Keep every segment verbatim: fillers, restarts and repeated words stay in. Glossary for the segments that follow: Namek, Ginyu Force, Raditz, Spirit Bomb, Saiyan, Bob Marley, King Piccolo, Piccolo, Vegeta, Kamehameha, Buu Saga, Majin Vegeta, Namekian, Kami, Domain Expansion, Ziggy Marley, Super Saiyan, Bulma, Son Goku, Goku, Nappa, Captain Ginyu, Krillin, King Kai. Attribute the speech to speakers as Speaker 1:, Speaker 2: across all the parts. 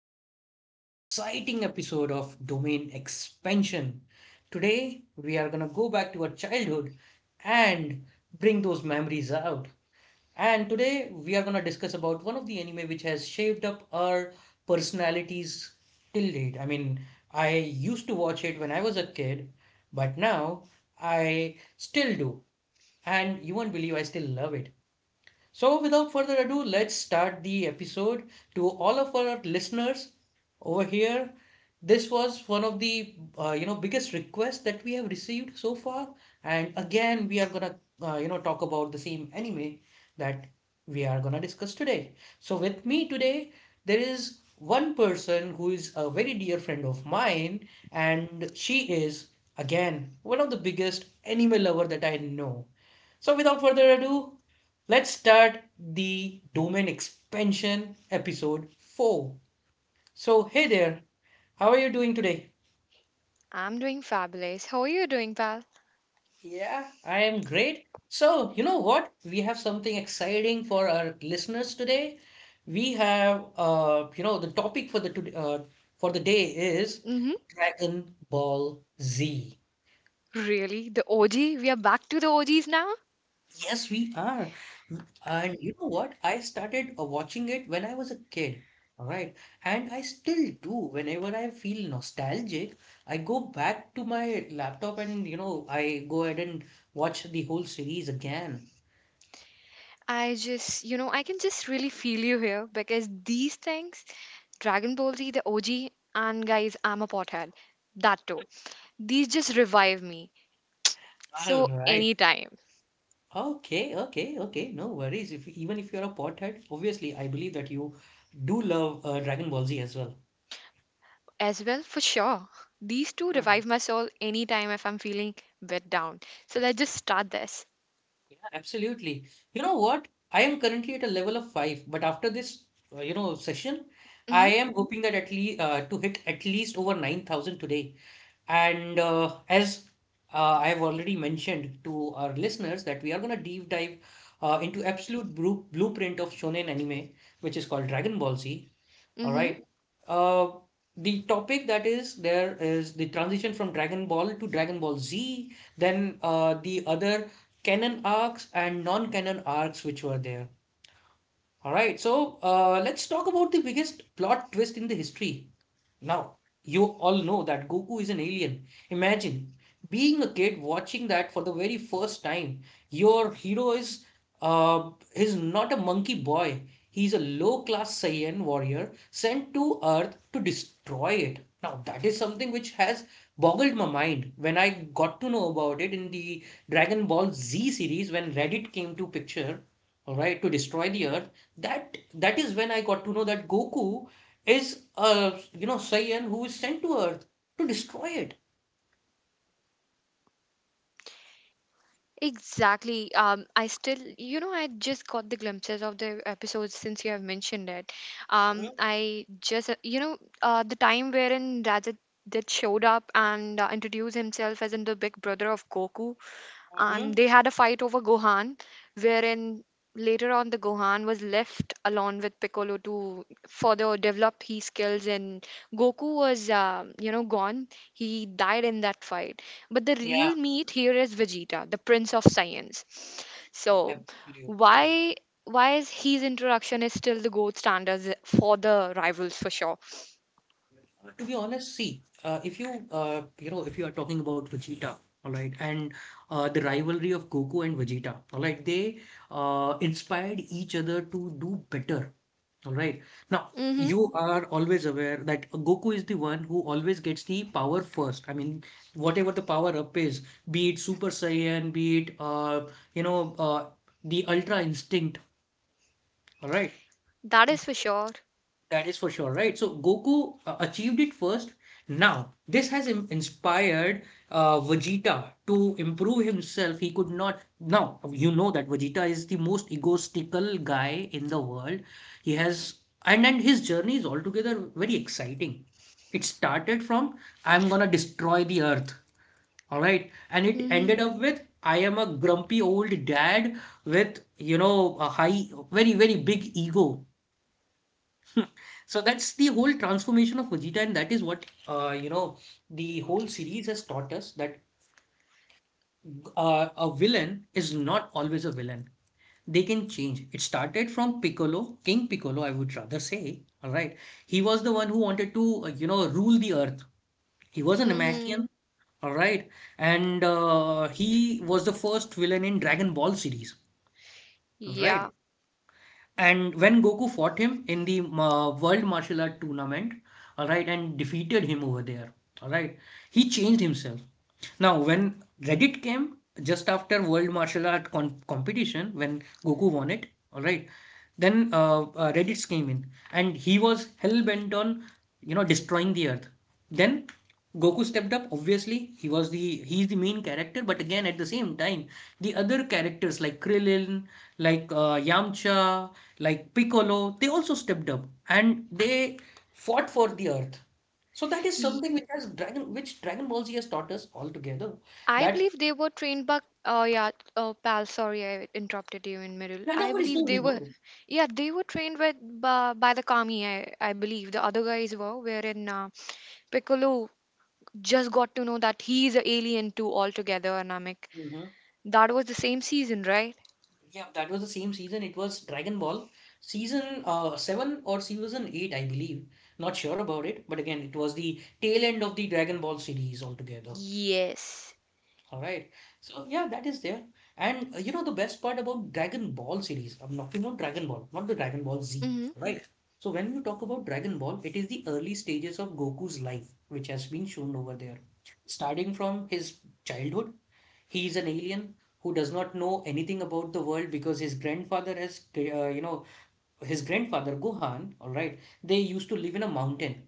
Speaker 1: another exciting episode of Domain Expansion. Today, we are going to go back to our childhood and bring those memories out. And today, we are going to discuss about one of the anime which has shaped up our personalities till date. I mean, I used to watch it when I was a kid, but now I still do. And you won't believe I still love it. So, without further ado, let's start the episode. To all of our listeners over here, this was one of the uh, you know biggest requests that we have received so far, and again we are gonna uh, you know talk about the same anime that we are gonna discuss today. So, with me today, there is one person who is a very dear friend of mine, and she is again one of the biggest anime lover that I know. So, without further ado, let's start the domain expansion episode four. So, hey there, how are you doing today?
Speaker 2: I'm doing fabulous. How are you doing, pal?
Speaker 1: Yeah, I am great. So, you know what? We have something exciting for our listeners today. We have, uh, you know, the topic for the today, uh, for the day is
Speaker 2: Mm-hmm.
Speaker 1: Dragon Ball Z.
Speaker 2: Really? The O G? We are back to the O Gs now?
Speaker 1: Yes, we are. Mm, and you know what? I started uh, watching it when I was a kid. All right. And I still do. Whenever I feel nostalgic, I go back to my laptop and, you know, I go ahead and watch the whole series again.
Speaker 2: I just, you know, I can just really feel you here because these things, Dragon Ball Z, the O G, and guys, I'm a pothead. That too. These just revive me.
Speaker 1: All
Speaker 2: So,
Speaker 1: right.
Speaker 2: anytime
Speaker 1: Okay, okay, okay. No worries. If even if you're a pothead, obviously I believe that you do love uh, Dragon Ball Z as well.
Speaker 2: as well, for sure. These two revive my soul anytime if I'm feeling bit down. So, let's just start this.
Speaker 1: Yeah, absolutely. You know what? I am currently at a level of five, but after this, uh, you know, session, I
Speaker 2: Mm-hmm.
Speaker 1: am Mhm. hoping that at least uh, to hit at least over nine thousand today. And uh, as uh, I have already mentioned to our listeners that we are going to deep dive uh, into absolute bru- blueprint of shonen anime, which is called Dragon Ball Z. All
Speaker 2: Mm-hmm.
Speaker 1: right. Uh, the topic that is there is the transition from Dragon Ball to Dragon Ball Z, then uh, the other canon arcs and non-canon arcs which were there. All right. So uh, let's talk about the biggest plot twist in the history. Now, you all know that Goku is an alien. Imagine being a kid watching that for the very first time. Your hero is uh is not a monkey boy. He's a low-class Saiyan warrior sent to Earth to destroy it. Now, that is something which has boggled my mind when I got to know about it in the Dragon Ball Z series when Reddit came to picture, all right, to destroy the Earth. That that is when I got to know that Goku is a you know Saiyan who is sent to Earth to destroy it.
Speaker 2: Exactly. Um, I still, you know, I just got the glimpses of the episodes since you have mentioned it. Um,
Speaker 1: Mhm,
Speaker 2: I just, uh, you know, uh, The time wherein Rajat did showed up and uh, introduced himself as in the big brother of Goku, and
Speaker 1: mhm.
Speaker 2: they had a fight over Gohan, wherein later on the Gohan was left alone with Piccolo to further develop his skills, and Goku was uh, you know gone. He died in that fight, but the
Speaker 1: Yeah,
Speaker 2: real meat here is Vegeta, the prince of science. So
Speaker 1: absolutely.
Speaker 2: why why is his introduction is still the gold standard for the rivals, for sure.
Speaker 1: Uh, To be honest, see, uh, if you uh, you know if you are talking about Vegeta, all right, and uh, the rivalry of Goku and Vegeta, all right, they uh, inspired each other to do better. All right. Now,
Speaker 2: Mm-hmm.
Speaker 1: you are always aware that Goku is the one who always gets the power first. I mean, whatever the power up is, be it Super Saiyan, be it uh, you know, uh, the Ultra Instinct. All right.
Speaker 2: That is for sure.
Speaker 1: That is for sure, right? So Goku uh, achieved it first. Now, this has im- inspired uh, Vegeta to improve himself. He could not. Now, you know that Vegeta is the most egotistical guy in the world. He has. And, and his journey is altogether very exciting. It started from, I'm gonna destroy the earth. All right. And it
Speaker 2: Mm-hmm.
Speaker 1: ended up with, I am a grumpy old dad with, you know, a high, very, very big ego. So that's the whole transformation of Vegeta, and that is what uh, you know the whole series has taught us that uh, a villain is not always a villain. They can change. It started from Piccolo, King Piccolo, I would rather say. All right, he was the one who wanted to uh, you know rule the earth. He was an
Speaker 2: Mm-hmm.
Speaker 1: Namekian. All right, and uh, he was the first villain in Dragon Ball series. All
Speaker 2: Yeah,
Speaker 1: right, and when Goku fought him in the uh, World Martial Art Tournament, all right, and defeated him over there, all right, he changed himself. Now, when Reddit came just after World Martial Art con competition, when Goku won it, all right, then uh, uh, Reddits came in, and he was hell bent on, you know, destroying the Earth. Then Goku stepped up. Obviously, he was the he's the main character, but again, at the same time, the other characters like Krillin, like uh, Yamcha, like Piccolo, they also stepped up and they fought for the earth. So that is something which has Dragon, which Dragon Ball Z has taught us altogether.
Speaker 2: I
Speaker 1: That
Speaker 2: believe they were trained by, uh, yeah. Oh, pal, sorry, I interrupted you in middle.
Speaker 1: yeah, no
Speaker 2: I
Speaker 1: worries, no
Speaker 2: believe they
Speaker 1: worries, no
Speaker 2: were,
Speaker 1: worries.
Speaker 2: yeah, they were trained with by, by the Kami, I, I believe. The other guys were, wherein uh, Piccolo just got to know that he is an alien too altogether, Namek.
Speaker 1: Mhm.
Speaker 2: That was the same season, right?
Speaker 1: Yeah, that was the same season. It was Dragon Ball season uh, seven or season eight, I believe. Not sure about it, but again, it was the tail end of the Dragon Ball series altogether.
Speaker 2: Yes.
Speaker 1: All right. So yeah, that is there. And uh, you know the best part about Dragon Ball series, I'm talking about Dragon Ball, not the Dragon Ball Z,
Speaker 2: Mm-hmm.
Speaker 1: right? So when you talk about Dragon Ball, it is the early stages of Goku's life, which has been shown over there. Starting from his childhood, he is an alien who does not know anything about the world because his grandfather has, uh, you know, his grandfather Gohan, all right, they used to live in a mountain.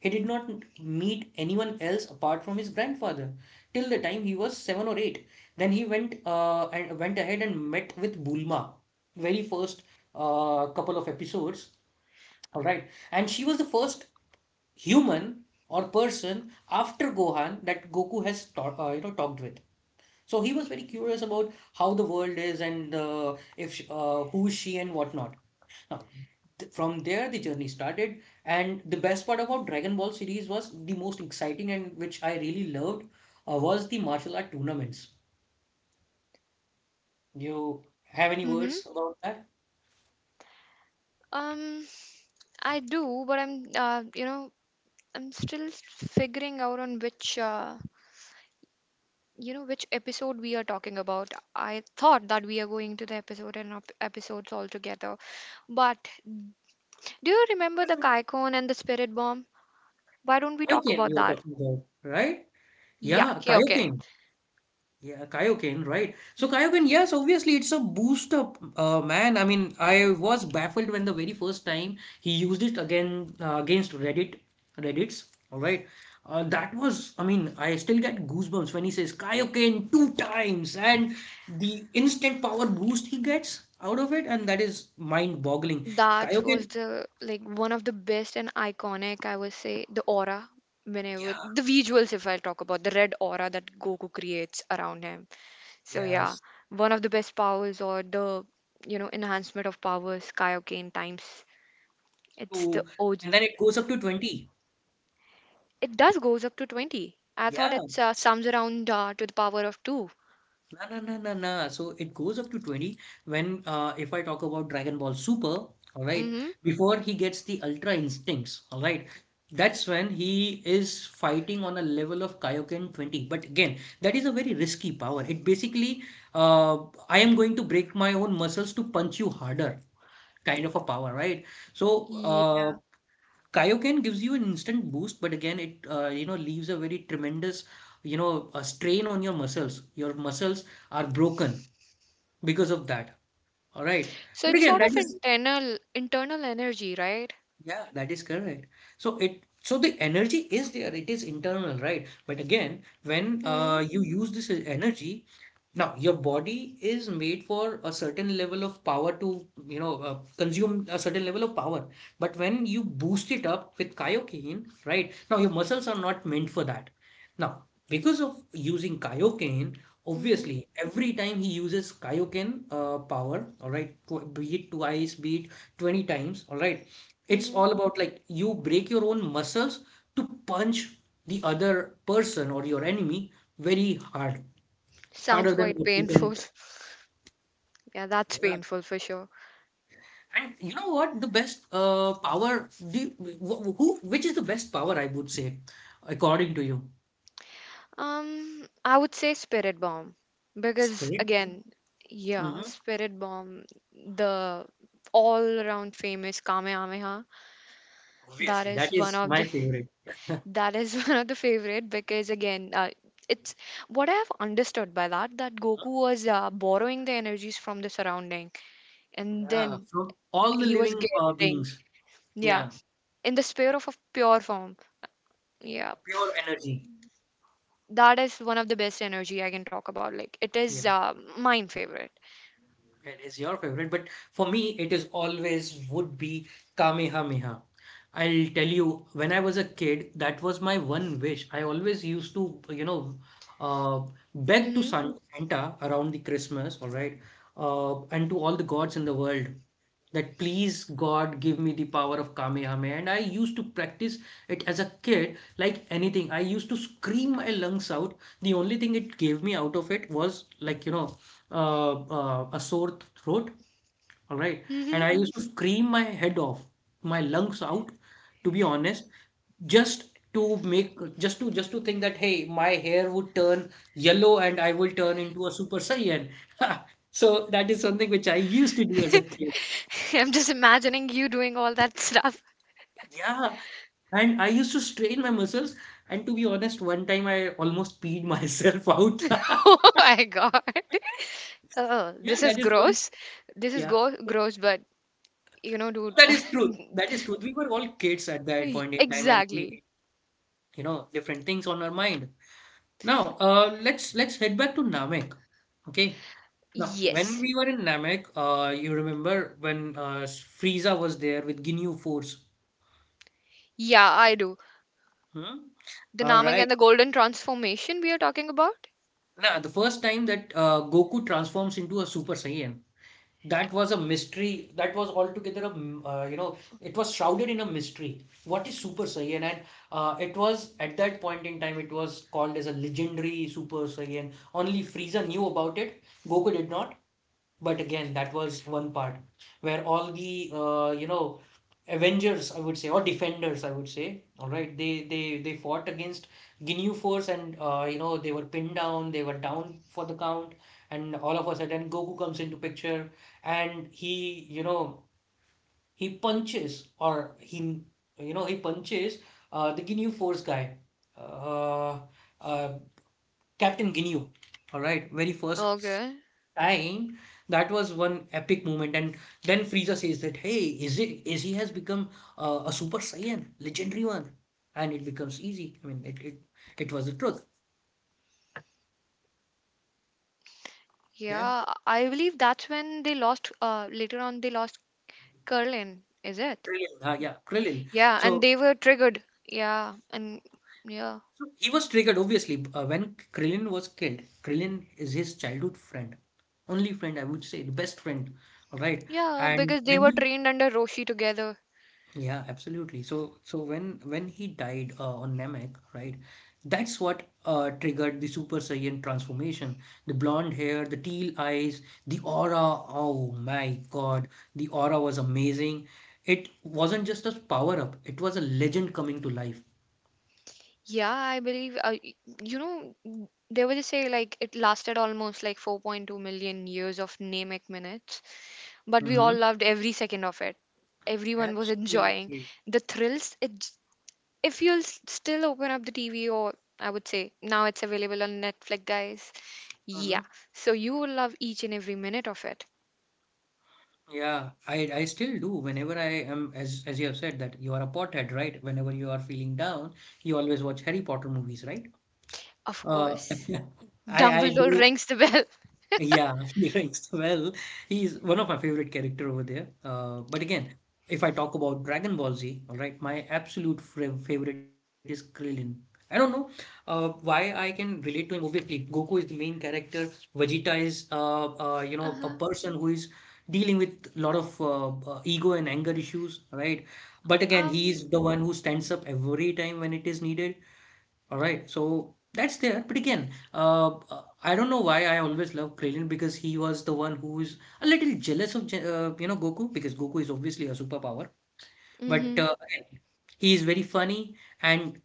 Speaker 1: He did not meet anyone else apart from his grandfather till the time he was seven or eight. Then he went uh, and went ahead and met with Bulma, very first uh, couple of episodes. All right, and she was the first human or person after Gohan that Goku has ta- uh, you know talked with. So he was very curious about how the world is and uh, if sh- uh, who is she and whatnot. Now, th- from there the journey started, and the best part about Dragon Ball series was the most exciting and which I really loved uh, was the martial art tournaments. You have any
Speaker 2: Mm-hmm.
Speaker 1: words about that?
Speaker 2: Um, I do, but I'm, uh, you know, I'm still figuring out on which uh, you know which episode we are talking about. I thought that we are going to the episode and op- episodes all together. But do you remember the Kaikon and the Spirit Bomb? Why don't we talk
Speaker 1: Kaioken,
Speaker 2: about
Speaker 1: you were
Speaker 2: that?
Speaker 1: talking about, right?
Speaker 2: Yeah,
Speaker 1: Yeah,
Speaker 2: Kyoken.
Speaker 1: Kaioken. Yeah, Kaioken, right? So Kaioken, yes, obviously it's a boost up, uh, man. I mean, I was baffled when the very first time he used it again uh, against Reddit, Reddit's. All right, uh, that was. I mean, I still get goosebumps when he says Kaioken two times, and the instant power boost he gets out of it, and that is mind-boggling.
Speaker 2: That
Speaker 1: Kaioken,
Speaker 2: was the like one of the best and iconic, I would say, the aura when I would
Speaker 1: yeah,
Speaker 2: the visuals if I talk about the red aura that Goku creates around him. So yeah,
Speaker 1: yes.
Speaker 2: one of the best powers or the you know enhancement of powers Kaioken times. It's
Speaker 1: So,
Speaker 2: the O.
Speaker 1: and then it goes up to twenty.
Speaker 2: It does goes up to twenty. I thought
Speaker 1: Yeah.
Speaker 2: it's uh, sums around uh, to the power of two.
Speaker 1: No, no, no, no, no. So it goes up to twenty when, uh, if I talk about Dragon Ball Super, all right,
Speaker 2: Mm-hmm.
Speaker 1: before he gets the Ultra Instincts, all right, that's when he is fighting on a level of Kaioken twenty. But again, that is a very risky power. It basically, uh, I am going to break my own muscles to punch you harder kind of a power, right? So,
Speaker 2: Yeah.
Speaker 1: uh, Kaioken gives you an instant boost, but again, it uh, you know leaves a very tremendous you know a strain on your muscles. Your muscles are broken because of that. All right,
Speaker 2: So
Speaker 1: but
Speaker 2: it's
Speaker 1: again,
Speaker 2: sort
Speaker 1: that
Speaker 2: of
Speaker 1: is
Speaker 2: internal internal energy, right?
Speaker 1: yeah, that is correct. So it so the energy is there, it is internal, right? But again, when
Speaker 2: Mm-hmm.
Speaker 1: uh, you use this energy, now your body is made for a certain level of power to, you know, uh, consume a certain level of power. But when you boost it up with kaioken, right? Now your muscles are not meant for that. Now, because of using kaioken,
Speaker 2: Mm-hmm.
Speaker 1: obviously every time he uses kaioken uh, power, all right, tw- be it twice, be it twenty times, all right, it's
Speaker 2: Mm-hmm.
Speaker 1: all about like you break your own muscles to punch the other person or your enemy very hard,
Speaker 2: Sounds
Speaker 1: harder than
Speaker 2: quite
Speaker 1: what you can.
Speaker 2: painful. Yeah, that's
Speaker 1: Yeah.
Speaker 2: painful for sure.
Speaker 1: And you know what? The best uh, power, the, wh- who, which is the best power, I would say, according to you?
Speaker 2: Um, I would say spirit bomb because
Speaker 1: Strength.
Speaker 2: again, yeah,
Speaker 1: Hmm.
Speaker 2: spirit bomb, the all around famous Kamehameha. That
Speaker 1: Obviously, that
Speaker 2: is one
Speaker 1: is
Speaker 2: of
Speaker 1: my
Speaker 2: the
Speaker 1: favorite.
Speaker 2: That is one of the favorite because again, uh, it's what I have understood by that that Goku was uh, borrowing the energies from the surrounding, and
Speaker 1: Yeah,
Speaker 2: then
Speaker 1: from all the
Speaker 2: he was
Speaker 1: living uh,
Speaker 2: getting
Speaker 1: beings.
Speaker 2: yeah
Speaker 1: Yeah,
Speaker 2: in the sphere of a pure form. Yeah,
Speaker 1: pure energy.
Speaker 2: that is one of the best energy I can talk about. Like it is
Speaker 1: Yeah.
Speaker 2: uh, mine favorite.
Speaker 1: It is your favorite, but for me, it is always would be Kamehameha. I'll tell you, when I was a kid, that was my one wish. I always used to, you know, uh, beg to
Speaker 2: Mm-hmm.
Speaker 1: San- Santa around the Christmas, all right, uh, and to all the gods in the world that please God give me the power of Kamehameha. And I used to practice it as a kid like anything. I used to scream my lungs out. The only thing it gave me out of it was like, you know, uh, uh, a sore th- throat. All right.
Speaker 2: Mm-hmm.
Speaker 1: And I used to scream my head off, my lungs out, to be honest, just to make, just to, just to think that, hey, my hair would turn yellow and I will turn into a Super Saiyan. So that is something which I used to do as a kid.
Speaker 2: I'm just imagining you doing all that stuff.
Speaker 1: Yeah. And I used to strain my muscles. And to be honest, one time I almost peed myself out.
Speaker 2: Oh my god. Oh,
Speaker 1: Yeah,
Speaker 2: this is
Speaker 1: that is one.
Speaker 2: gross. This is
Speaker 1: Yeah,
Speaker 2: go gross, but you know, dude.
Speaker 1: that is true. That is truth. We were all kids at that
Speaker 2: Y-
Speaker 1: point in time, and we,
Speaker 2: Exactly.
Speaker 1: you know, different things on our mind. Now, uh, let's let's head back to Namek. Okay. Now, when
Speaker 2: Yes.
Speaker 1: we were in Namek, uh, you remember when uh, Frieza was there with Ginyu Force.
Speaker 2: Yeah, I do.
Speaker 1: Hmm?
Speaker 2: The
Speaker 1: All
Speaker 2: Namek
Speaker 1: right.
Speaker 2: and the Golden Transformation we are talking about?
Speaker 1: Now, the first time that uh, Goku transforms into a Super Saiyan. That was a mystery. That was altogether a, m- uh, you know, it was shrouded in a mystery. What is Super Saiyan? And uh, it was at that point in time, it was called as a legendary Super Saiyan. Only Frieza knew about it. Goku did not. But again, that was one part where all the uh, you know Avengers, I would say, or Defenders, I would say, all right, they they they fought against Ginyu Force, and uh, you know they were pinned down, they were down for the count, and all of a sudden Goku comes into picture, and he, you know, he punches or he you know he punches uh, the Ginyu Force guy, uh, uh, Captain Ginyu, all right, very first
Speaker 2: Okay.
Speaker 1: time, that was one epic moment, and then Frieza says that hey, is it, is he has become uh, a Super Saiyan, legendary one, and it becomes easy. I mean it it, it was the truth. Yeah,
Speaker 2: Yeah, I believe that's when they lost, uh, later on they lost Curlin, is it?
Speaker 1: Krillin, uh, yeah krillin
Speaker 2: Yeah, and
Speaker 1: so,
Speaker 2: they were triggered. Yeah, and yeah.
Speaker 1: so he was triggered obviously uh, when Krillin was killed. Krillin is his childhood friend, only friend I would say, the best friend, all right.
Speaker 2: Yeah,
Speaker 1: And
Speaker 2: because they
Speaker 1: when
Speaker 2: were
Speaker 1: he,
Speaker 2: trained under Roshi together.
Speaker 1: yeah, absolutely. So, so when when he died uh, on Namek, right? That's what uh, triggered the Super Saiyan transformation. The blonde hair, the teal eyes, the aura. Oh my God, the aura was amazing. It wasn't just a power up; it was a legend coming to life.
Speaker 2: Yeah, I believe, uh, y- you know, n- they were just say like it lasted almost like four point two million years of Namek minutes. But we all
Speaker 1: Hmm.
Speaker 2: loved every second of it. Everyone was enjoying
Speaker 1: Absolutely.
Speaker 2: the thrills. It, j- if you'll s- still open up the T V, or I would say now it's available on Netflix, guys.
Speaker 1: Hmm.
Speaker 2: Yeah, so you will love each and every minute of it.
Speaker 1: Yeah, I I still do. Whenever I am, as as you have said, that you are a pothead, right? Whenever you are feeling down, you always watch Harry Potter movies, right?
Speaker 2: Of
Speaker 1: Uh,
Speaker 2: course,
Speaker 1: I I
Speaker 2: Dumbledore
Speaker 1: do.
Speaker 2: rings the bell.
Speaker 1: Yeah, he ranks well. He's one of my favorite character over there, uh, but again, if I talk about Dragon Ball Z, all right, my absolute fra- favorite is Krillin. I don't know uh, why I can relate to him. Obviously Goku is the main character. Vegeta is uh, uh, you know, a
Speaker 2: Uh
Speaker 1: person who is dealing with a lot of uh, uh, ego and
Speaker 2: huh.
Speaker 1: anger
Speaker 2: Um.
Speaker 1: issues, right? But again, he is the one who stands up every time when it is needed, all right, so that's there. But again, uh, uh, I don't know why I always love Krillin, because he was the one who is a little jealous of Je- uh, you know, Goku, because Goku is obviously a superpower. But
Speaker 2: Mhm.
Speaker 1: uh, again, he is very funny, and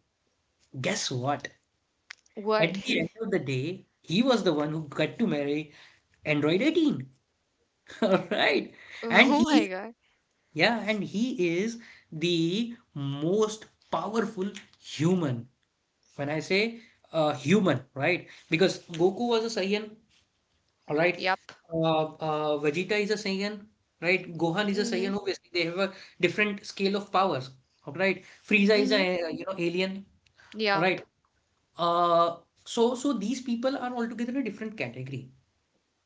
Speaker 1: guess what?
Speaker 2: Word.
Speaker 1: At the end of the day, he was the one who got to marry Android eighteen. All right, and
Speaker 2: Oh
Speaker 1: he's,
Speaker 2: my god.
Speaker 1: yeah, and he is the most powerful human. When I say uh, human, right? Because Goku was a Saiyan, all right?
Speaker 2: Yup.
Speaker 1: Uh, uh, Vegeta is a Saiyan, right? Gohan is a Saiyan.
Speaker 2: Mhm.
Speaker 1: Obviously, they have a different scale of powers, all right? Frieza is a,
Speaker 2: Mhm.
Speaker 1: uh, you know, alien, all
Speaker 2: Yup.
Speaker 1: right? Uh, so so these people are altogether in a different category.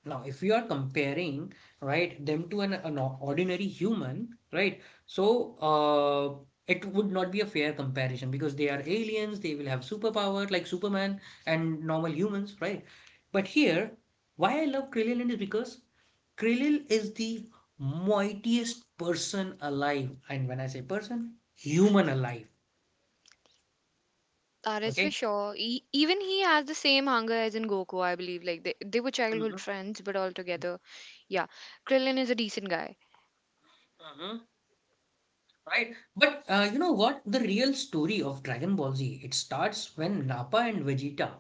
Speaker 1: Now, if you are comparing, right, them to an, an ordinary human, right, so uh, it would not be a fair comparison because they are aliens, they will have superpower like Superman and normal humans, right? But here, why I love Krillin is because Krillin is the mightiest person alive. And when I say person, human alive,
Speaker 2: That is for
Speaker 1: okay?
Speaker 2: sure. E Even he has the same hunger as in Goku, I believe. Like they, they were
Speaker 1: Mhm,
Speaker 2: childhood friends, but all together, yeah. Krillin is a decent guy.
Speaker 1: mhm. Right, but uh, you know what? The real story of Dragon Ball Z, it starts when Nappa and Vegeta,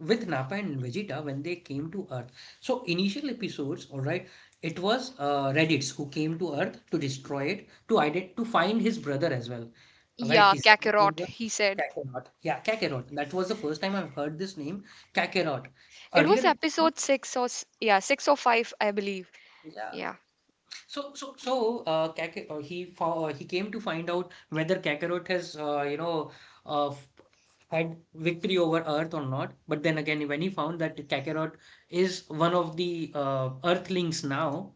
Speaker 1: with Nappa and Vegeta, when they came to Earth. So initial episodes, all right, it was uh, Raditz who came to Earth to destroy it, to ident to find his brother as well. All right,
Speaker 2: Yeah,
Speaker 1: his younger
Speaker 2: Kakarot,
Speaker 1: brother
Speaker 2: he said.
Speaker 1: Kakarot. Yeah, Kakarot. That was the first time I've heard this name, Kakarot.
Speaker 2: It was
Speaker 1: Earlier, it,
Speaker 2: episode six or s- yeah, six or five, I believe.
Speaker 1: yeah.
Speaker 2: Yeah.
Speaker 1: So, so, so, uh, Kakar, uh, he fo- uh, he came to find out whether Kakarot has, uh, you know, uh, f- had victory over Earth or not. But then again, when he found that Kakarot is one of the uh, Earthlings now,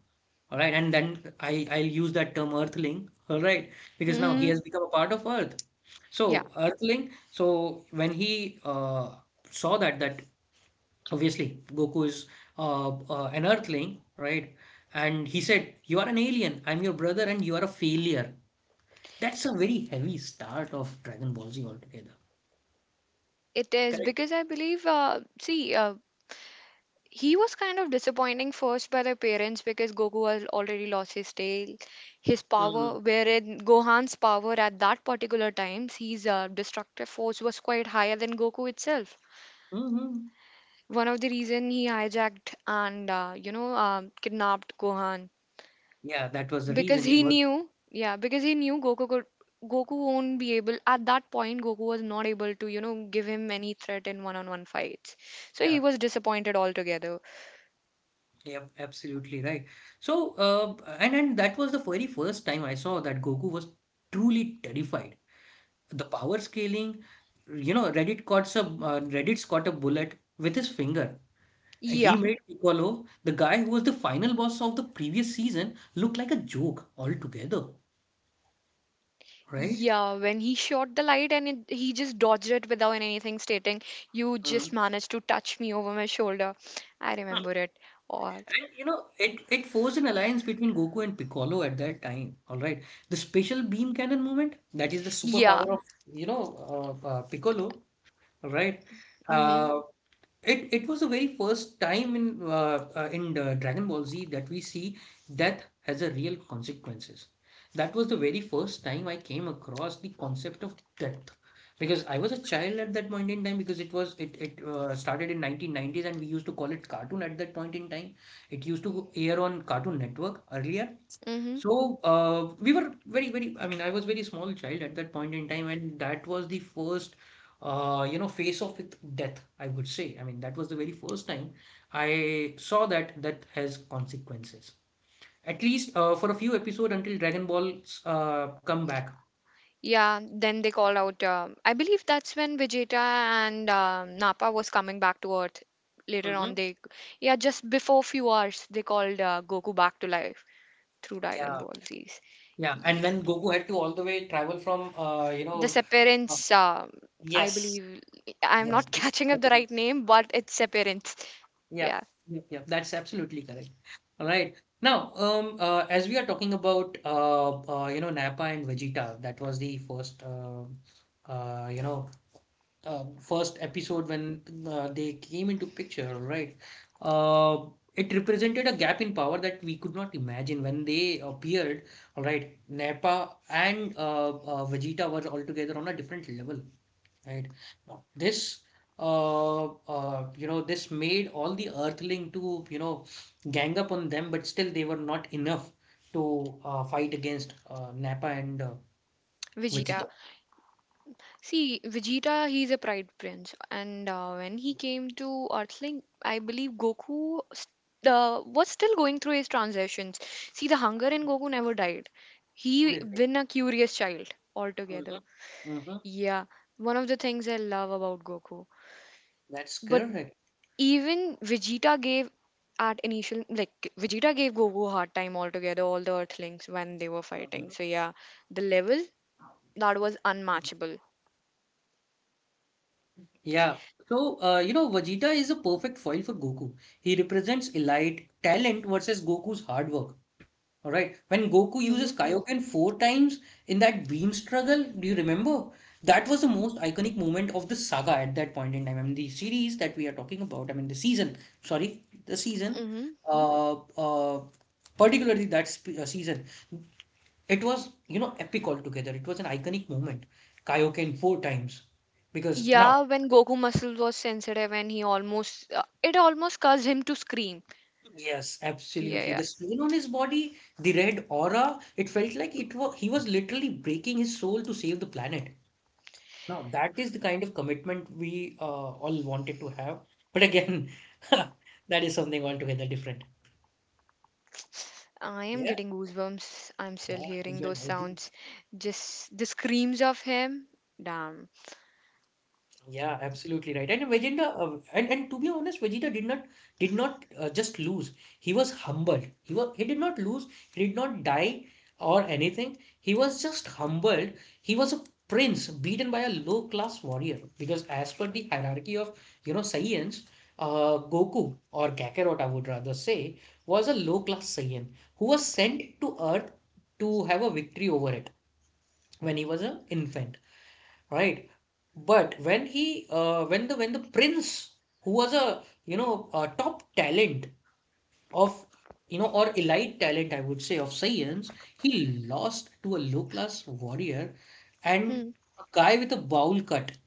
Speaker 1: all right, and then I I'll use that term Earthling, all right, because now he
Speaker 2: Hmm.
Speaker 1: has become a part of Earth.
Speaker 2: Yeah,
Speaker 1: So Earthling. So when he, uh, saw that that obviously Goku is uh, uh, an Earthling, right? And he said, "You are an alien. I'm your brother, and you are a failure." That's a very heavy start of Dragon Ball Z altogether.
Speaker 2: it is
Speaker 1: Correct.
Speaker 2: because I believe. Uh, see, uh, he was kind of disappointing first by the parents because Goku had already lost his tail, his power, wherein Gohan's power at that particular times, his uh, destructive force was quite higher than Goku itself.
Speaker 1: Mm-hmm.
Speaker 2: One of the reason he hijacked and uh, you know uh, kidnapped Gohan
Speaker 1: Yeah, that was the
Speaker 2: because
Speaker 1: reason he
Speaker 2: he
Speaker 1: was.
Speaker 2: knew, yeah, because he knew Goku could. Goku won't be able at that point Goku was not able to you know give him any threat in one on one fights, so
Speaker 1: Yeah,
Speaker 2: he was disappointed altogether.
Speaker 1: yep, absolutely right. So, uh, and and that was the very first time I saw that Goku was truly terrified. The power scaling, you know, Reddit caught a uh, Reddit's caught a bullet with his finger. He
Speaker 2: Yeah.
Speaker 1: made Piccolo, the guy who was the final boss of the previous season, look like a joke altogether, right?
Speaker 2: Yeah, when he shot the light and it, he just dodged it without anything stating, you just
Speaker 1: Mm.
Speaker 2: managed to touch me over my shoulder. I remember it all.
Speaker 1: And you know, it, it forged an alliance between Goku and Piccolo at that time. All right. The special beam cannon movement, that is the
Speaker 2: Yeah.
Speaker 1: superpower of, you know, uh, uh, Piccolo. All right.
Speaker 2: Mm-hmm.
Speaker 1: Uh, it it was the very first time in uh, uh, in uh, Dragon Ball Z that we see death has a real consequences. That was the very first time I came across the concept of death, because I was a child at that point in time, because it was it it uh, started in nineteen nineties and we used to call it cartoon at that point in time. It used to air on Cartoon Network earlier,
Speaker 2: Mm-hmm.
Speaker 1: so uh, we were very, very, I mean, I was very small child at that point in time, and that was the first, uh, you know, face off with death, I would say. I mean, that was the very first time I saw that death has consequences. At least uh, for a few episodes until Dragon Ball's uh, come back.
Speaker 2: Yeah. Then they called out. Um, I believe that's when Vegeta and um Nappa was coming back to Earth. Later on,
Speaker 1: Hmm.
Speaker 2: they yeah, just before few hours, they called uh, Goku back to life through Dragon
Speaker 1: Yeah,
Speaker 2: Ball Z's.
Speaker 1: yeah. And
Speaker 2: Yes.
Speaker 1: when Goku had to all the way travel from, uh, you
Speaker 2: The
Speaker 1: know, uh,
Speaker 2: appearance. Um, I
Speaker 1: yes,
Speaker 2: believe I'm
Speaker 1: yes,
Speaker 2: not
Speaker 1: yes.
Speaker 2: catching up the
Speaker 1: Separate.
Speaker 2: right name, but it's appearance.
Speaker 1: Yeah,
Speaker 2: Yeah,
Speaker 1: yep, yep, that's absolutely correct. All right. Now, um, uh, as we are talking about, uh, uh, you know, Nappa and Vegeta, that was the first, uh, uh, you know, uh, first episode when uh, they came into picture, all right? Uh, it represented a gap in power that we could not imagine when they appeared, all right? Nappa and uh, uh, Vegeta were altogether on a different level. Right. Now, this, uh, uh, you know, this made all the Earthling to, you know, gang up on them, but still they were not enough to uh, fight against uh, Nappa and uh,
Speaker 2: Vegeta.
Speaker 1: Vegeta.
Speaker 2: See, Vegeta, he's a Pride Prince, and uh, when he came to Earthling, I believe Goku st- uh, was still going through his transitions. See, the hunger in Goku never died. He
Speaker 1: Obviously.
Speaker 2: been a curious child
Speaker 1: Mhm.
Speaker 2: altogether.
Speaker 1: Mhm.
Speaker 2: Yeah, one of the things I love about Goku.
Speaker 1: That's
Speaker 2: But
Speaker 1: correct.
Speaker 2: even Vegeta gave at initial like Vegeta gave Goku a hard time altogether, all the Earthlings when they were
Speaker 1: Mhm.
Speaker 2: fighting. So yeah, the level that was unmatchable.
Speaker 1: Yeah. So, uh, you know, Vegeta is a perfect foil for Goku. He represents elite talent versus Goku's hard work. Alright, when Goku
Speaker 2: Mm-hmm.
Speaker 1: uses Kaioken four times in that beam struggle, do you remember? That was the most iconic moment of the saga at that point in time. I mean, the series that we are talking about, I mean, the season, sorry, the season,
Speaker 2: Hmm.
Speaker 1: uh, uh, particularly that sp uh, season, it was, you know, epic altogether. It was an iconic moment. Kaioken four times. Because now,
Speaker 2: Yeah, when Goku muscle was sensitive and he almost uh, it almost caused him to scream.
Speaker 1: yes,
Speaker 2: Yeah,
Speaker 1: absolutely.
Speaker 2: yeah.
Speaker 1: The stain on his body, the red aura, it felt like it was he was literally breaking his soul to save the planet. Now, that is the kind of commitment we uh, all wanted to have. But again, that is something altogether different.
Speaker 2: I am
Speaker 1: Yeah,
Speaker 2: getting goosebumps. I'm still
Speaker 1: yeah,
Speaker 2: hearing
Speaker 1: even
Speaker 2: those
Speaker 1: I do.
Speaker 2: sounds. Just the screams of him. Damn.
Speaker 1: Yeah, absolutely right. And Vegeta, uh, and and to be honest, Vegeta did not did not uh, just lose. He was humbled. He was he did not lose. He did not die or anything. He was just humbled. He was a prince beaten by a low class warrior, because as per the hierarchy of, you know, Saiyans, uh, Goku or Kakarot, I would rather say, was a low class Saiyan who was sent to Earth to have a victory over it when he was an infant, right? But when he, uh, when the when the prince, who was a you know a top talent of you know or elite talent, I would say, of science, he lost to a low class warrior and
Speaker 2: Hmm.
Speaker 1: a guy with a bowl cut.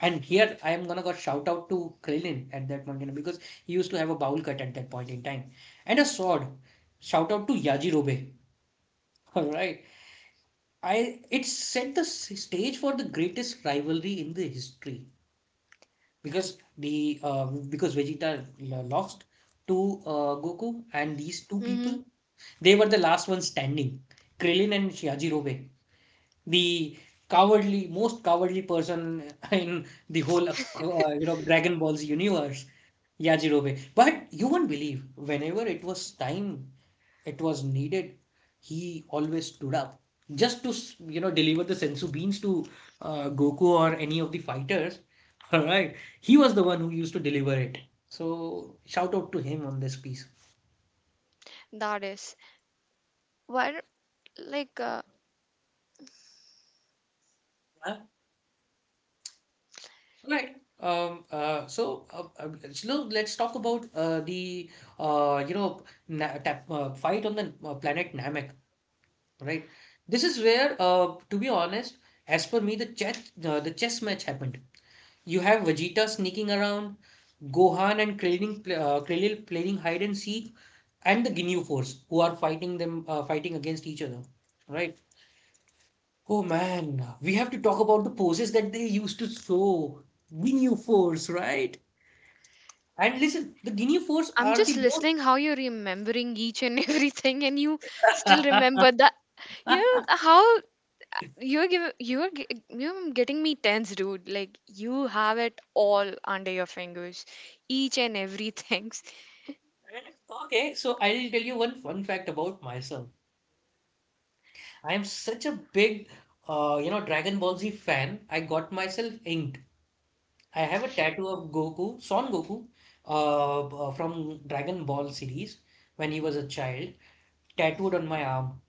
Speaker 1: And here I am gonna go shout out to Krillin at that point, you know, because he used to have a bowl cut at that point in time and a sword. Shout out to Yajirobe. All right, I it set the s- stage for the greatest rivalry in the history. Because the uh, because Vegeta l- lost to uh, Goku, and these two people,
Speaker 2: Mm-hmm.
Speaker 1: they were the last ones standing, Krillin and Shihaji Robe, the cowardly, most cowardly person in the whole, uh, you know, Dragon Ball's universe, Yajirobe. But you won't believe, whenever it was time, it was needed, he always stood up just to, s- you know, deliver the sensu beans to uh, Goku or any of the fighters. All right, he was the one who used to deliver it. So shout out to him on this piece.
Speaker 2: That is. Why do- like uh,
Speaker 1: Right. Um, uh, so, uh, uh, Shlomo, let's talk about uh, the uh, you know na tap, uh, fight on the uh, planet Namek, right? This is where, uh, to be honest, as per me, the chess uh, the chess match happened. You have Vegeta sneaking around, Gohan and Krillin, pl- uh, Krillin playing hide and seek, and the Ginyu Force who are fighting them, uh, fighting against each other, right? Oh man, we have to talk about the poses that they used to show. Ginyu Force, right? And listen, the Guinea Fours
Speaker 2: I'm
Speaker 1: are the
Speaker 2: just
Speaker 1: most.
Speaker 2: listening how you're remembering each and everything, and you still remember that. Yeah, how You're giving you're gi- you're getting me tense, dude. Like you have it all under your fingers, each and every things.
Speaker 1: Okay, so I'll tell you one fun fact about myself. I am such a big, uh, you know, Dragon Ball Z fan. I got myself inked. I have a tattoo of Goku, Son Goku, uh, b- uh, from Dragon Ball series when he was a child, tattooed on my arm.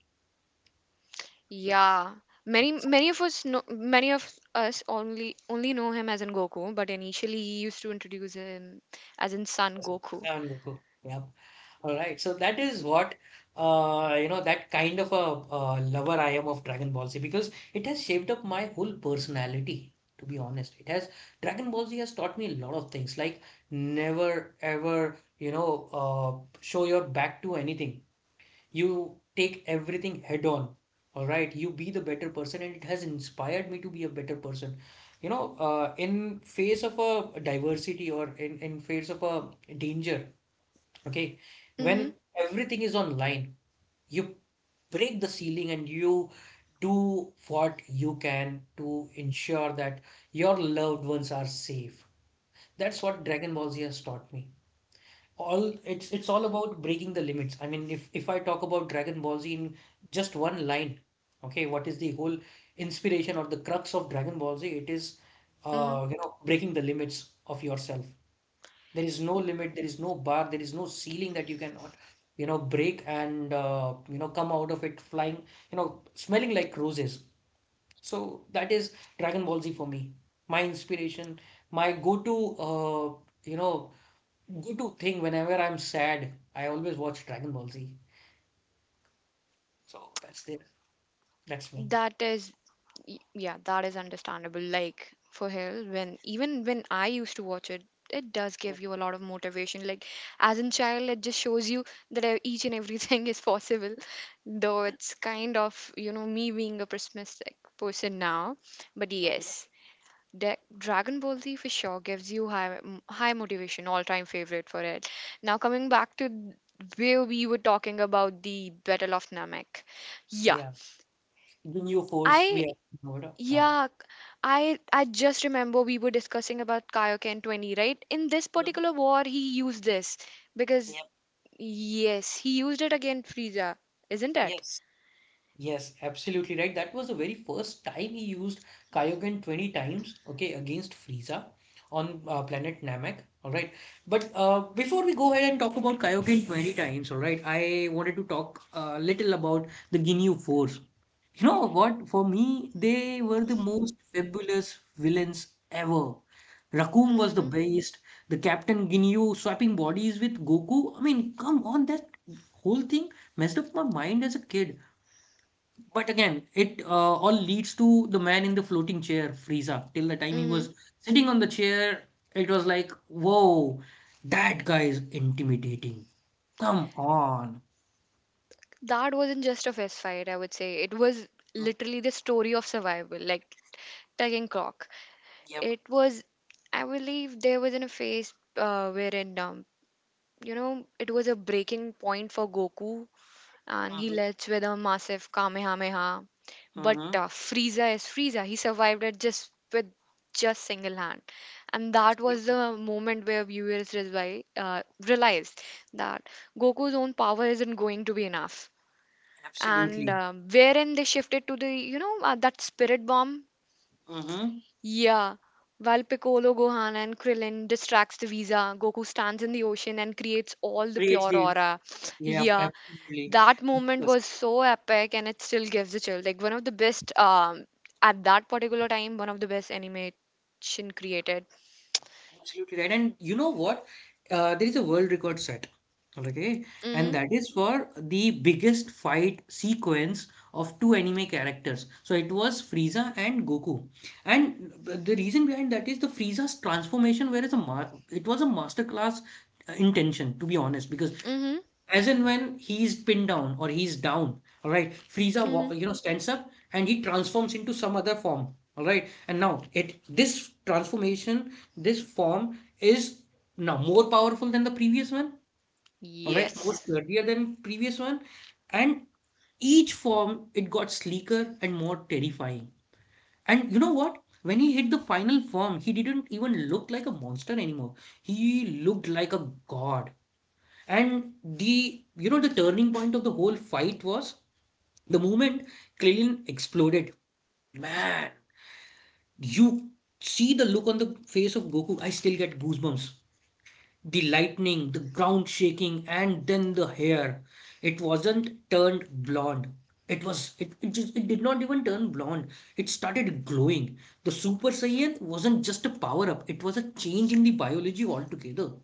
Speaker 2: Yeah, many many of us know many of us only only know him as in Goku, but initially he used to introduce him as in Son Goku.
Speaker 1: Son Goku. Yeah. All right, so that is what uh, you know that kind of a uh, lover I am of Dragon Ball Z, because it has shaped up my whole personality. To be honest, it has, Dragon Ball Z has taught me a lot of things, like never ever, you know uh, show your back to anything. You take everything head on. All right, you be the better person, and it has inspired me to be a better person. You know, uh, in face of a diversity or in in face of a danger. Okay.
Speaker 2: Mm-hmm.
Speaker 1: When everything is online, you break the ceiling and you do what you can to ensure that your loved ones are safe. That's what Dragon Ball Z has taught me. All, it's it's all about breaking the limits. I mean, if if I talk about Dragon Ball Z in just one line, okay, what is the whole inspiration or the crux of Dragon Ball Z? It is,
Speaker 2: Mm-hmm.
Speaker 1: uh, you know, breaking the limits of yourself. There is no limit, there is no bar, there is no ceiling that you cannot, you know, break and, uh, you know, come out of it flying, you know, smelling like roses. So that is Dragon Ball Z for me. My inspiration, my go-to, uh, you know, go-to thing whenever I'm sad, I always watch Dragon Ball Z. So that's there. That's me.
Speaker 2: That is Y- yeah, that is understandable, like for hell when even when I used to watch it it does give you a lot of motivation, like as in child it just shows you that e- each and everything is possible, though it's kind of you know me being a pessimistic person now, but
Speaker 1: Mhm.
Speaker 2: yes. De- Dragon Ball Z for sure gives you high m- high motivation, all time favorite for it. Now, coming back to where we were talking about the battle of Namek. Yeah.
Speaker 1: Yeah. The new force we
Speaker 2: I
Speaker 1: have. Ah.
Speaker 2: yeah, c- I I just remember we were discussing about Kaioken twenty, right? In this particular war, he used this because
Speaker 1: Yep.
Speaker 2: yes, he used it against Frieza, isn't it?
Speaker 1: Yes. Yes, absolutely right. That was the very first time he used Kyogen twenty times, okay, against Frieza on uh, planet Namek. All right. But uh, before we go ahead and talk about Kyogen twenty times, all right, I wanted to talk a little about the Ginyu Force. You know what? For me, they were the most fabulous villains ever. Raccoon was the
Speaker 2: Mm-hmm.
Speaker 1: best. The Captain Ginyu swapping bodies with Goku. I mean, come on, that whole thing messed up my mind as a kid. But again, it uh, all leads to the man in the floating chair, Frieza. Till the time he
Speaker 2: Mm-hmm.
Speaker 1: was sitting on the chair, it was like, whoa, that guy is intimidating. Come on.
Speaker 2: That wasn't just a fist fight, I would say. It was
Speaker 1: Mm.
Speaker 2: literally the story of survival, like tagging clock.
Speaker 1: Yep.
Speaker 2: It was, I believe, there was in a phase uh, wherein um, you know, it was a breaking point for Goku, and he
Speaker 1: Mm-hmm.
Speaker 2: lets with a massive Kamehameha. But
Speaker 1: Mm-hmm.
Speaker 2: uh, Frieza is Frieza. He survived it just with just single hand, and that was
Speaker 1: Absolutely.
Speaker 2: the moment where viewers resvi- uh, realized that Goku's own power isn't going to be enough. And
Speaker 1: Absolutely.
Speaker 2: uh, wherein they shifted to the you know uh, that spirit bomb.
Speaker 1: Mm-hmm.
Speaker 2: Yeah. While Piccolo, Gohan, and Krillin distracts the Visa, Goku stands in the ocean and creates all the
Speaker 1: Creates
Speaker 2: pure
Speaker 1: the.
Speaker 2: aura.
Speaker 1: Yep,
Speaker 2: Yeah,
Speaker 1: absolutely.
Speaker 2: that moment was so epic, and it still gives a chill, like one of the best um at that particular time one of the best animation created.
Speaker 1: Absolutely right. And you know what? Uh, there is a world record set, okay? And
Speaker 2: Mm-hmm.
Speaker 1: that is for the biggest fight sequence of two anime characters. So it was Frieza and Goku. And the reason behind that is the Frieza's transformation, whereas a ma it was a masterclass uh, intention, to be honest, because
Speaker 2: Mm-hmm.
Speaker 1: as in when he's pinned down or he's down, all right, Frieza, wa-
Speaker 2: Mm-hmm.
Speaker 1: you know, stands up and he transforms into some other form, all right. And now it this transformation, this form is now more powerful than the previous one, all right, more
Speaker 2: Yes.
Speaker 1: sturdier than previous one, and each form it got sleeker and more terrifying. And you know what? When he hit the final form, he didn't even look like a monster anymore. He looked like a god. And the you know the turning point of the whole fight was the moment Krillin exploded. Man, you see the look on the face of Goku. I still get goosebumps. The lightning, the ground shaking, and then the hair. It wasn't turned blonde. It was it, it just it did not even turn blonde. It started glowing. The Super Saiyan wasn't just a power up, it was a change in the biology altogether,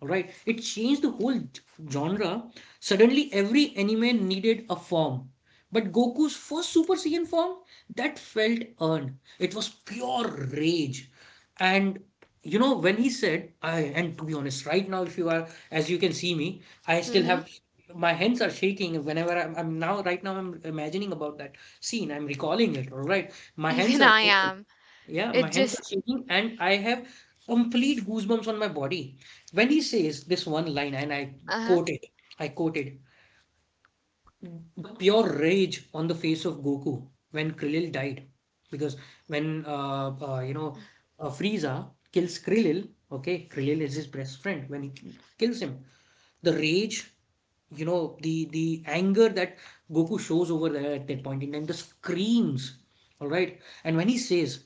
Speaker 1: right? It changed the whole g- genre. Suddenly, every anime needed a form. But Goku's first Super Saiyan form, that felt earned. It was pure rage. And you know, when he said, I, and to be honest, right now, if you are, as you can see me, I still
Speaker 2: Mm-hmm.
Speaker 1: have, my hands are shaking whenever I'm, I'm now, right now, I'm imagining about that scene. I'm recalling it, all right? My hands
Speaker 2: Even
Speaker 1: are
Speaker 2: I
Speaker 1: shaking.
Speaker 2: am.
Speaker 1: Yeah, my
Speaker 2: It
Speaker 1: hands
Speaker 2: just
Speaker 1: are shaking and I have complete goosebumps on my body. When he says this one line, and I
Speaker 2: Uh-huh.
Speaker 1: quote it, I quote it, the pure rage on the face of Goku when Krillin died. Because when, uh, uh, you know, uh, Frieza kills Krillin, okay, Krillin is his best friend. When he k- kills him, the rage, you know, the, the anger that Goku shows over there at that point in time, the screams, all right? And when he says,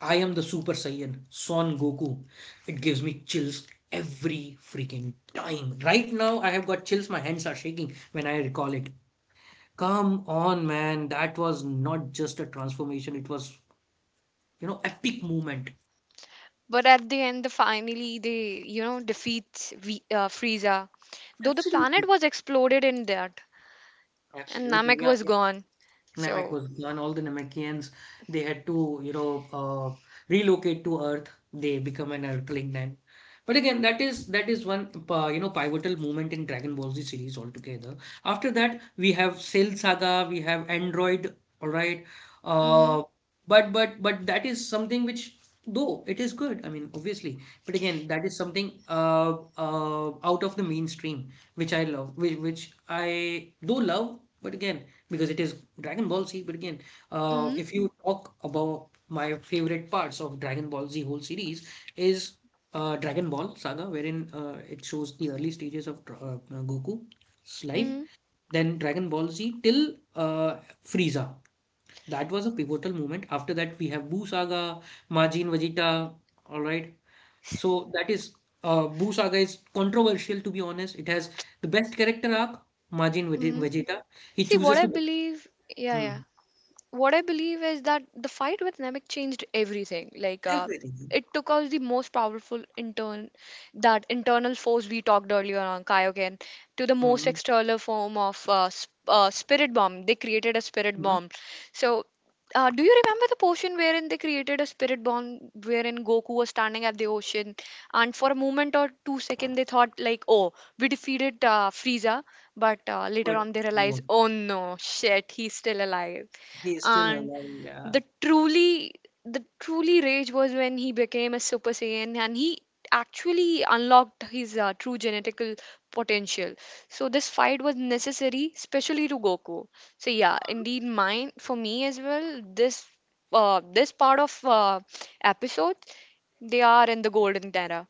Speaker 1: I am the Super Saiyan, Son Goku. It gives me chills every freaking time. Right now, I have got chills. My hands are shaking when I recall it. Come on, man. That was not just a transformation, it was, you know, epic moment.
Speaker 2: But at the end, the finally they you know defeats v- uh, Frieza, though the planet
Speaker 1: Absolutely.
Speaker 2: was exploded in that, and
Speaker 1: Absolutely.
Speaker 2: Namek
Speaker 1: Yeah.
Speaker 2: was gone.
Speaker 1: Namek
Speaker 2: So.
Speaker 1: was gone. All the Namekians, they had to, you know, uh, relocate to Earth. They become an Earthling then. But again, that is that is one, uh, you know, pivotal moment in Dragon Ball Z series altogether. After that, we have Cell Saga, we have Android, all right.
Speaker 2: Mm-hmm.
Speaker 1: Uh, but but but that is something which, though it is good, I mean, obviously. But again, that is something uh, uh, out of the mainstream, which I love, which, which I do love. But again, because it is Dragon Ball Z. But again, uh,
Speaker 2: Mm-hmm.
Speaker 1: if you talk about my favorite parts of Dragon Ball Z whole series is uh, Dragon Ball Saga, wherein uh, it shows the early stages of Dra- uh, Goku's life,
Speaker 2: Mm-hmm.
Speaker 1: then Dragon Ball Z till uh, Frieza. That was a pivotal moment. After that, we have Buu Saga, Majin Vegeta. All right, so that is uh, Boo Saga is controversial to be honest. It has the best character arc, Majin Vegeta. He
Speaker 2: See,
Speaker 1: chooses
Speaker 2: what I
Speaker 1: to be.
Speaker 2: believe, yeah,
Speaker 1: Hmm.
Speaker 2: yeah, what I believe is that the fight with Namek changed everything. Like, uh,
Speaker 1: Everything.
Speaker 2: it took out the most powerful intern, that internal force we talked earlier on, Kaioken, to the most
Speaker 1: Mhm,
Speaker 2: external form of uh, sp- uh, spirit bomb. They created a spirit
Speaker 1: mhm.
Speaker 2: bomb. So, uh, do you remember the portion wherein they created a spirit bomb, wherein Goku was standing at the ocean, and for a moment or two seconds they thought like, "Oh, we defeated uh, Frieza," but uh, later
Speaker 1: But
Speaker 2: on they realized,
Speaker 1: no,
Speaker 2: "Oh no, shit, he's still alive."
Speaker 1: he is still
Speaker 2: And
Speaker 1: alive. Yeah,
Speaker 2: the truly the truly rage was when he became a Super Saiyan, and he actually unlocked his uh, true genetical potential, so this fight was necessary especially to Goku. So yeah, indeed mine, for me as well, this uh, this part of uh, episode, they are in the golden era.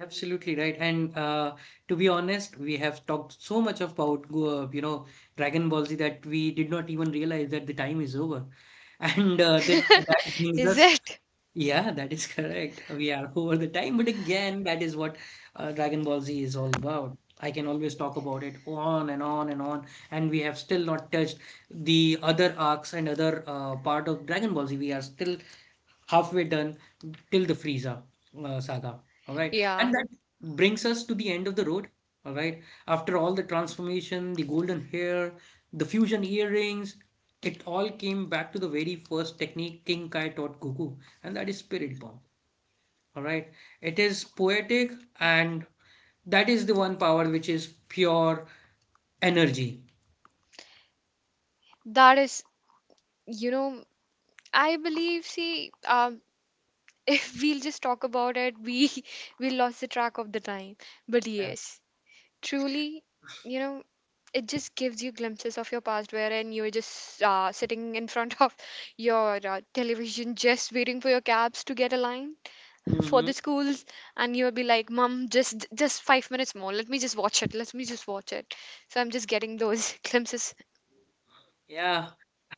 Speaker 1: absolutely right. And uh, to be honest, we have talked so much about uh, you know Dragon Ball Z that we did not even realize that the time is over. And uh, that that brings
Speaker 2: Is
Speaker 1: us.
Speaker 2: it?
Speaker 1: Yeah, that is correct. We are over the time, but again, that is what uh, Dragon Ball Z is all about. I can always talk about it on and on and on, and we have still not touched the other arcs and other uh, part of Dragon Ball Z. We are still halfway done till the Frieza uh, saga. All right, and
Speaker 2: Yeah,
Speaker 1: that brings us to the end of the road. All right, after all the transformation, the golden hair, the fusion earrings, it all came back to the very first technique King Kai taught Goku, and that is Spirit Bomb. All right, it is poetic, and that is the one power which is pure energy.
Speaker 2: that is. You know, I believe, see, um if we'll just talk about it, we we lost the track of the time. But
Speaker 1: Yeah.
Speaker 2: yes, truly, you know, it just gives you glimpses of your past, wherein you're just uh, sitting in front of your uh, television, just waiting for your cabs to get aligned for
Speaker 1: Mhm.
Speaker 2: the schools, and you'll be like, "Mom, just just five minutes more. Let me just watch it. Let me just watch it." So I'm just getting those glimpses.
Speaker 1: Yeah.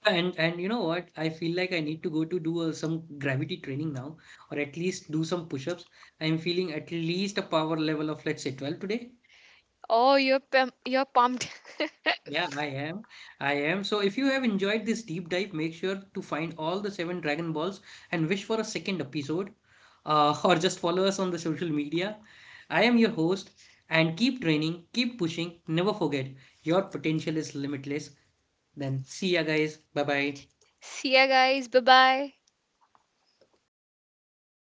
Speaker 1: And and you know what? I feel like I need to go to do uh, some gravity training now, or at least do some push-ups. I'm feeling at least a power level of let's say twelve today.
Speaker 2: Oh, you're pum- you're pumped.
Speaker 1: Yeah, I am. I am. So if you have enjoyed this deep dive, make sure to find all the seven Dragon Balls and wish for a second episode, uh, or just follow us on the social media. I am your host, and keep training, keep pushing. Never forget, your potential is limitless. Then see ya, guys. Bye bye.
Speaker 2: See ya, guys. Bye bye.